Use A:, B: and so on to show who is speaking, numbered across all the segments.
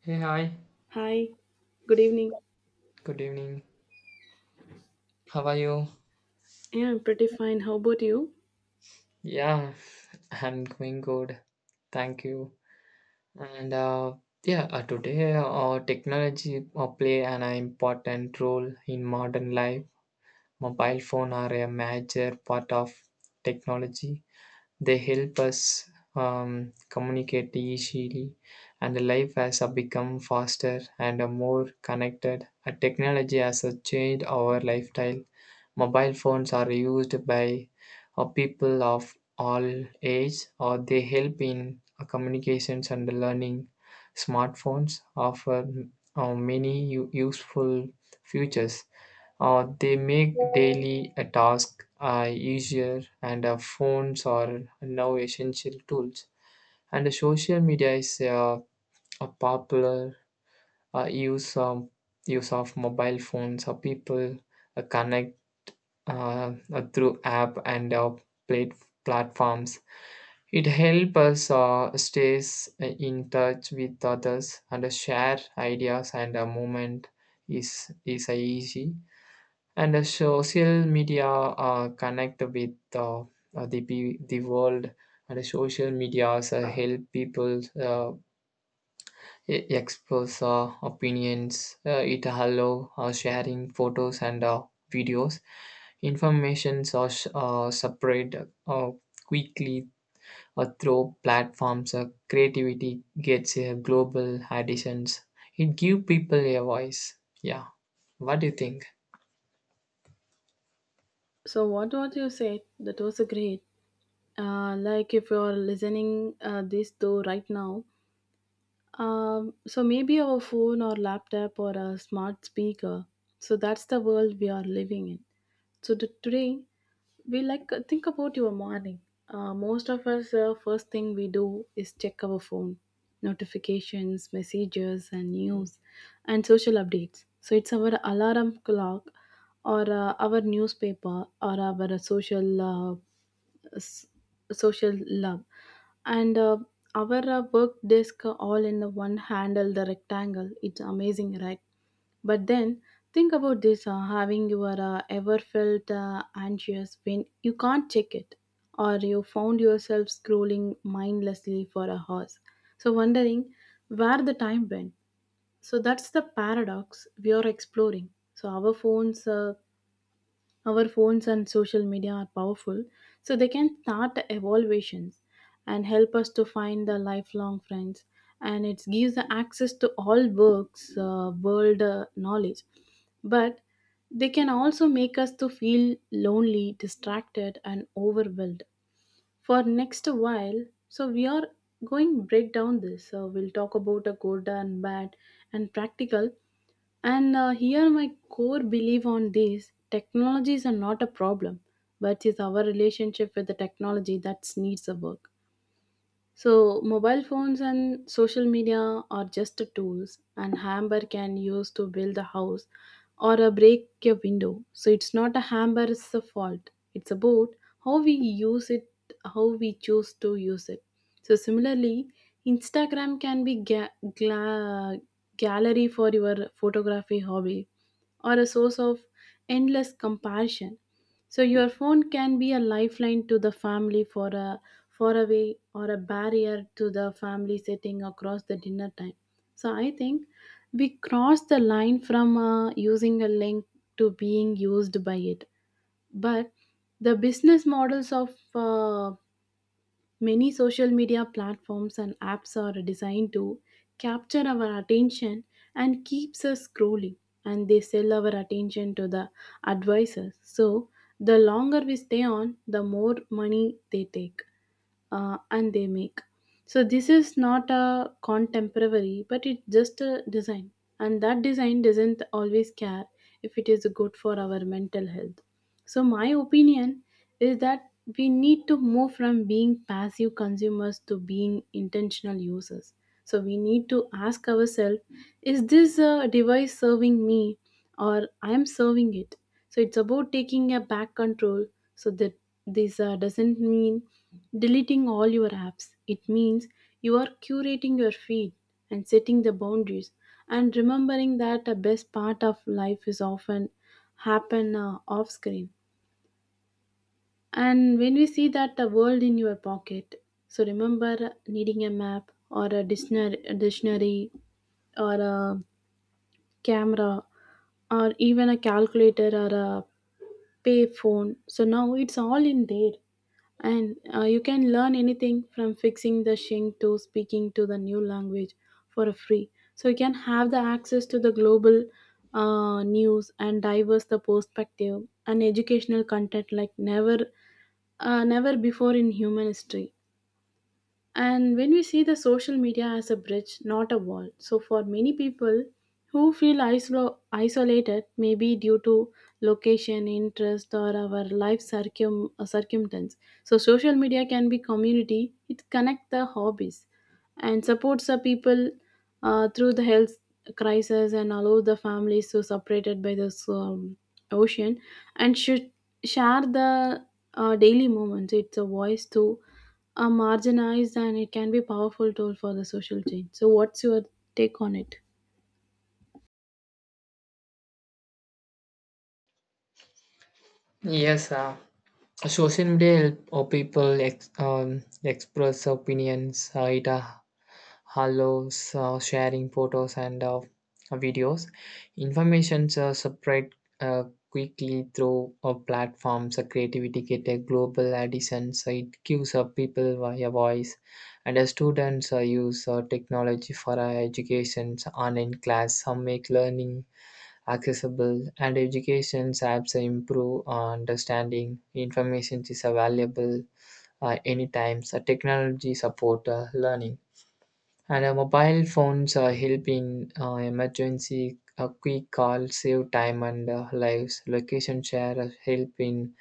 A: Hey, hi.
B: Hi, good evening.
A: Good evening. How are you?
B: Yeah, I'm pretty fine. How about you?
A: Yeah, I'm going good. Thank you. And yeah, today technology play an important role in modern life. Mobile phone are a major part of technology. They help us communicate easily, and life has become faster and more connected. Technology has changed our lifestyle. Mobile phones are used by people of all age, or they help in communications and learning. Smartphones offer many useful features. Uh, they make daily a task easier, and phones are now essential tools. And the social media is a popular uh, use um, use of mobile phones. People connect through app and plate platforms. It helps us stays in touch with others, and share ideas, and a moment is easy. And the social media connect with the world. And the social medias help people express opinions. Uh, it allow sharing photos and videos. Informations are spread quickly through platforms. Uh, creativity gets global additions. It give people a voice. Yeah, what do you think?
B: So, what you said? That was a great. Like if you're listening this though right now, so maybe our phone or laptop or a smart speaker. So that's the world we are living in. So today we like think about your morning, most of us, first thing we do is check our phone, notifications, messages and news and social updates. So it's our alarm clock or our newspaper or our social s- social love and our work desk, all in the one handle the rectangle, it's amazing, right? But then think about this, having your ever felt anxious when you can't check it, or you found yourself scrolling mindlessly for a horse, so wondering where the time went. So that's the paradox we are exploring. So our phones and social media are powerful, so they can start evaluations and help us to find the lifelong friends. And it gives the access to all works, world knowledge. But they can also make us to feel lonely, distracted, and overwhelmed for next a while, so we are going break down this, so we'll talk about a good and bad and practical. And here my core belief on this: technologies are not a problem, but is our relationship with the technology that needs a work. So, mobile phones and social media are just the tools, and hammer can use to build a house or a break a window. So, it's not a hammer, it's a fault. It's about how we use it, how we choose to use it. So, similarly, Instagram can be gla- gallery for your photography hobby or a source of endless compassion. So your phone can be a lifeline to the family for a faraway or a barrier to the family sitting across the dinner time. So I think we cross the line from using a link to being used by it. But the business models of many social media platforms and apps are designed to capture our attention and keeps us scrolling, and they sell our attention to the advisors. So the longer we stay on, the more money they take and they make. So this is not a contemporary, but it's just a design, and that design doesn't always care if it is good for our mental health. So my opinion is that we need to move from being passive consumers to being intentional users. So we need to ask ourselves: is this device serving me, or I am serving it? So it's about taking a back control. So that this doesn't mean deleting all your apps. It means you are curating your feed and setting the boundaries and remembering that the best part of life is often happen off screen. And when we see that the world in your pocket, so remember needing a map or a dictionary, or a camera or even a calculator or a pay phone, so now it's all in there. And you can learn anything from fixing the shing to speaking to the new language for free, so you can have the access to the global news and diverse the perspective and educational content like never before in human history. And when we see the social media as a bridge, not a wall, so for many people who feel isolated, maybe due to location, interest, or our life circumstance, so social media can be community. It connect the hobbies, and supports the people through the health crisis and allow the families to separated by this ocean, and should share the daily moments. It's a voice to marginalized, and it can be powerful tool for the social change. So what's your take on it?
A: Yes, social media help or people express opinions. It allows sharing photos and videos. Information spread uh, quickly through platforms. Creativity get a global addition. So it gives people a voice. And students use technology for education. So online class. Some make learning accessible, and education apps improve our understanding. Information is available anytime. So technology support learning. And mobile phones help in emergency, a quick call, save time and lives. Location share help in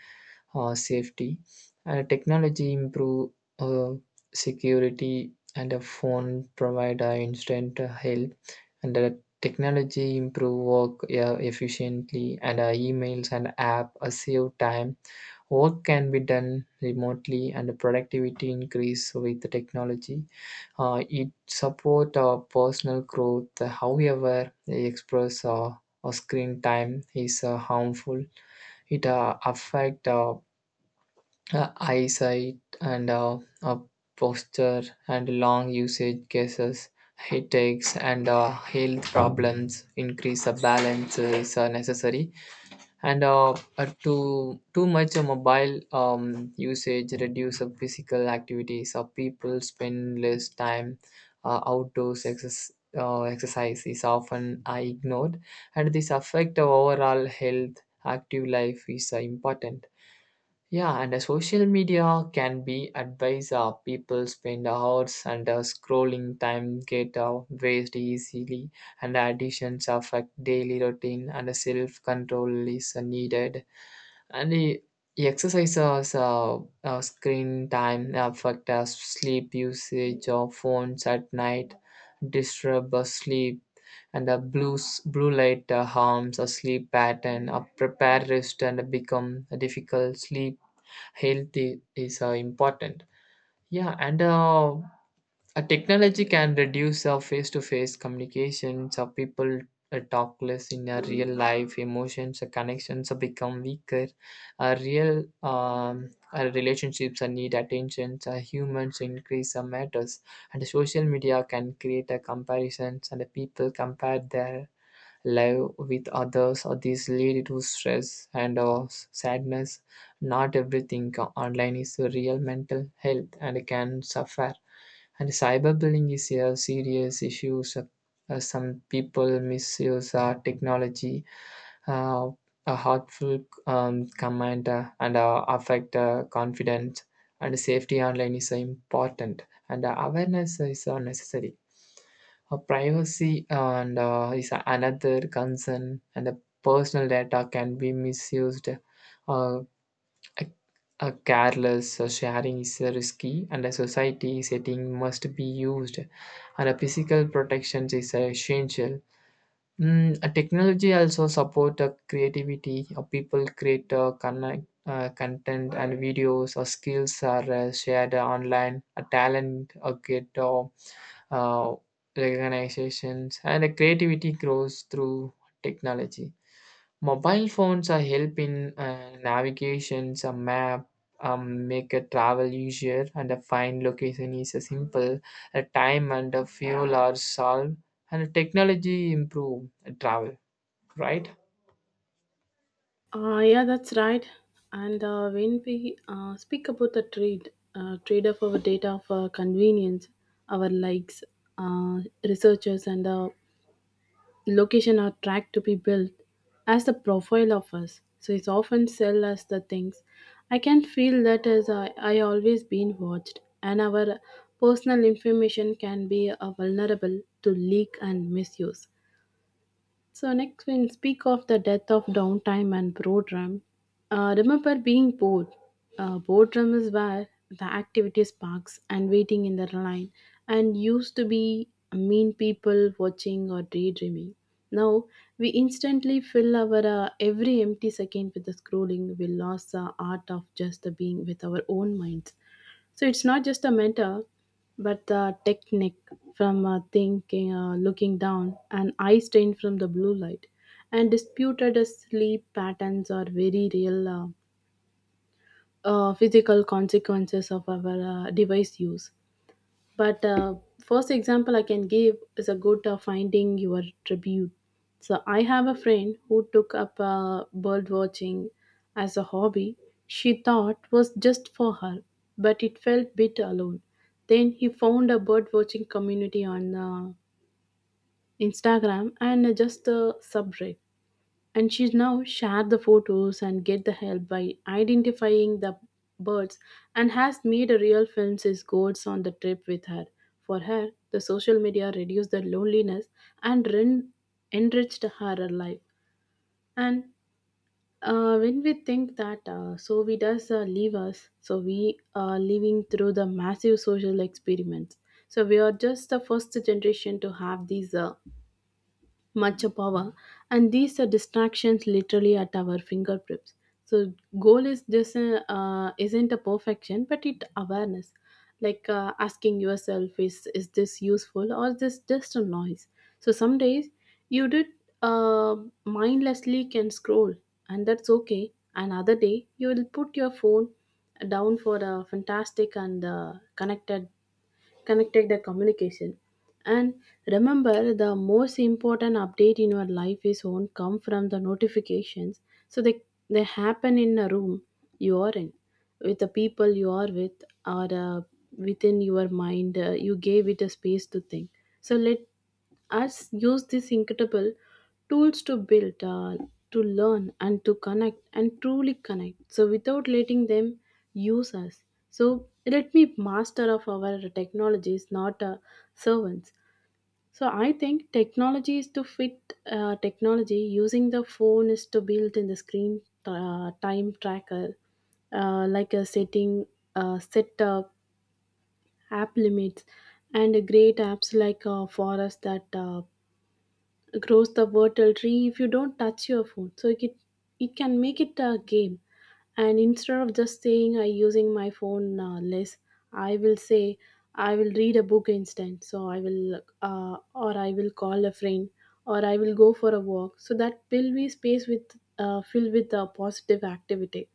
A: safety. And technology improve uh, security, and a phone provide instant help. And the technology improve work, yeah, efficiently. And emails and app save time. Work can be done remotely, and the productivity increase with the technology. Uh, it support personal growth. However, the express or screen time is harmful. It affect eyesight and posture. And long usage cases, headaches and health problems increase. The balance is necessary. And Too much mobile usage reduce the physical activities of people. Spend less time outdoors. Exercise exercise is often ignored, and this affect our overall health. Active life is important. Yeah, and social media can be advice. People spend hours and scrolling time get waste easily, and additions affect daily routine, and self control is needed. And the exercises, screen time affect sleep. Usage of phones at night, disturb sleep. And the blue light harms a sleep pattern, a prepared rest, and become a difficult sleep. Health is important. Yeah, and a technology can reduce face-to-face communications. Uh, people talk less in real life. Emotions connections become weaker. Real relationships need attention. Uh, humans increase matters. And social media can create a comparisons, and people compare their live with others, or these lead to stress and or sadness. Not everything online is real. Mental health and can suffer. And cyberbullying is a serious issue. So, some people misuse technology. Uh, a hurtful comment and affect confidence. And safety online is important. And awareness is necessary. Privacy and is another concern, and the personal data can be misused. Uh, a, a careless sharing is risky, and a society setting must be used. And a physical protection is essential. Mm, a technology also support creativity. People create connect. Content and videos or skills are shared online. A talent get uh, recognitions, and creativity grows through technology. Mobile phones are helping navigations, a map, make a travel easier, and a find location is a simple. A time and a fuel are solved, and technology improve travel, right?
B: Yeah, that's right. And when we speak about the trade, trade of our data for convenience, our likes, uh, researchers, and the location or track to be built as the profile of us. So it's often sell us the things. I can feel that as I always been watched, and our personal information can be vulnerable to leak and misuse. So next we'll speak of the death of downtime and boredom. Remember being bored. Boredom is where the activity sparks and waiting in the line and used to be mean people watching or daydreaming. Now we instantly fill our every empty second with the scrolling. We lost the art of just the being with our own minds. So it's not just a mentor, but the technique from thinking, looking down, and eye strain from the blue light, and disputed sleep patterns are very real physical consequences of our device use. But first example I can give is a good, finding your tribute. So I have a friend who took up bird watching as a hobby. She thought was just for her, but it felt bit alone. Then he found a bird watching community on Instagram and just a subreddit, and she's now share the photos and get the help by identifying the birds, and has made a real film since goes on the trip with her. For her the social media reduced the loneliness and enriched her life. And when we think that so we does leave us, so we are living through the massive social experiments. So we are just the first generation to have these much of power, and these are distractions literally at our fingertips. So goal is this, isn't a perfection but it awareness, like asking yourself, is this useful or this just a noise? So some days you did uh, mindlessly can scroll, and that's okay. Another day you will put your phone down for a fantastic and connected the communication. And remember, the most important update in your life is won't come from the notifications. So they happen in a room you are in, with the people you are with, or within your mind, you gave it a space to think. So let Arts use these incredible tools to build, to learn, and to connect, and truly connect. So without letting them use us. So let me master of our technologies, not servants. So I think technology is to fit technology. Using the phone is to build in the screen time tracker, like a setting, set up app limits, and great apps like Forest that. Grows the vertical tree if you don't touch your food, so it can make it a game. And instead of just saying I using my phone less, I will say I will read a book instead, so I will or I will call a friend or I will go for a walk, so that will be space with filled with a positive activity.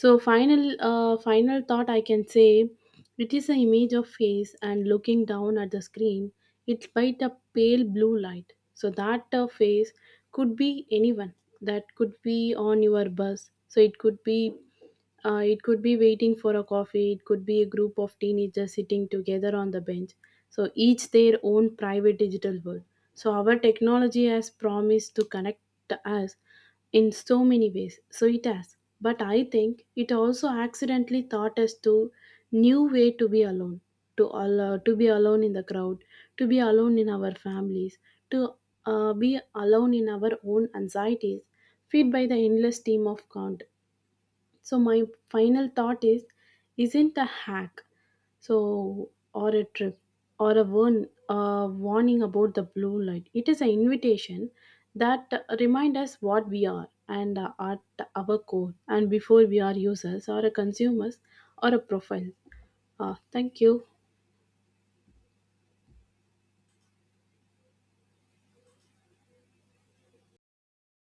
B: So final thought I can say, it is an image of face and looking down at the screen, it's by a pale blue light. So that face could be anyone. That could be on your bus. So it could be, it could be waiting for a coffee. It could be a group of teenagers sitting together on the bench. So each their own private digital world. So our technology has promised to connect us, in so many ways. So it has. But I think it also accidentally taught us to new way to be alone, to all to be alone in the crowd, to be alone in our families, to be alone in our own anxieties, fed by the endless stream of content. So my final thought is isn't a hack, so or a trip or a warning about the blue light. It is an invitation that remind us what we are, and at our core, and before we are users or a consumers or a profile. Thank you.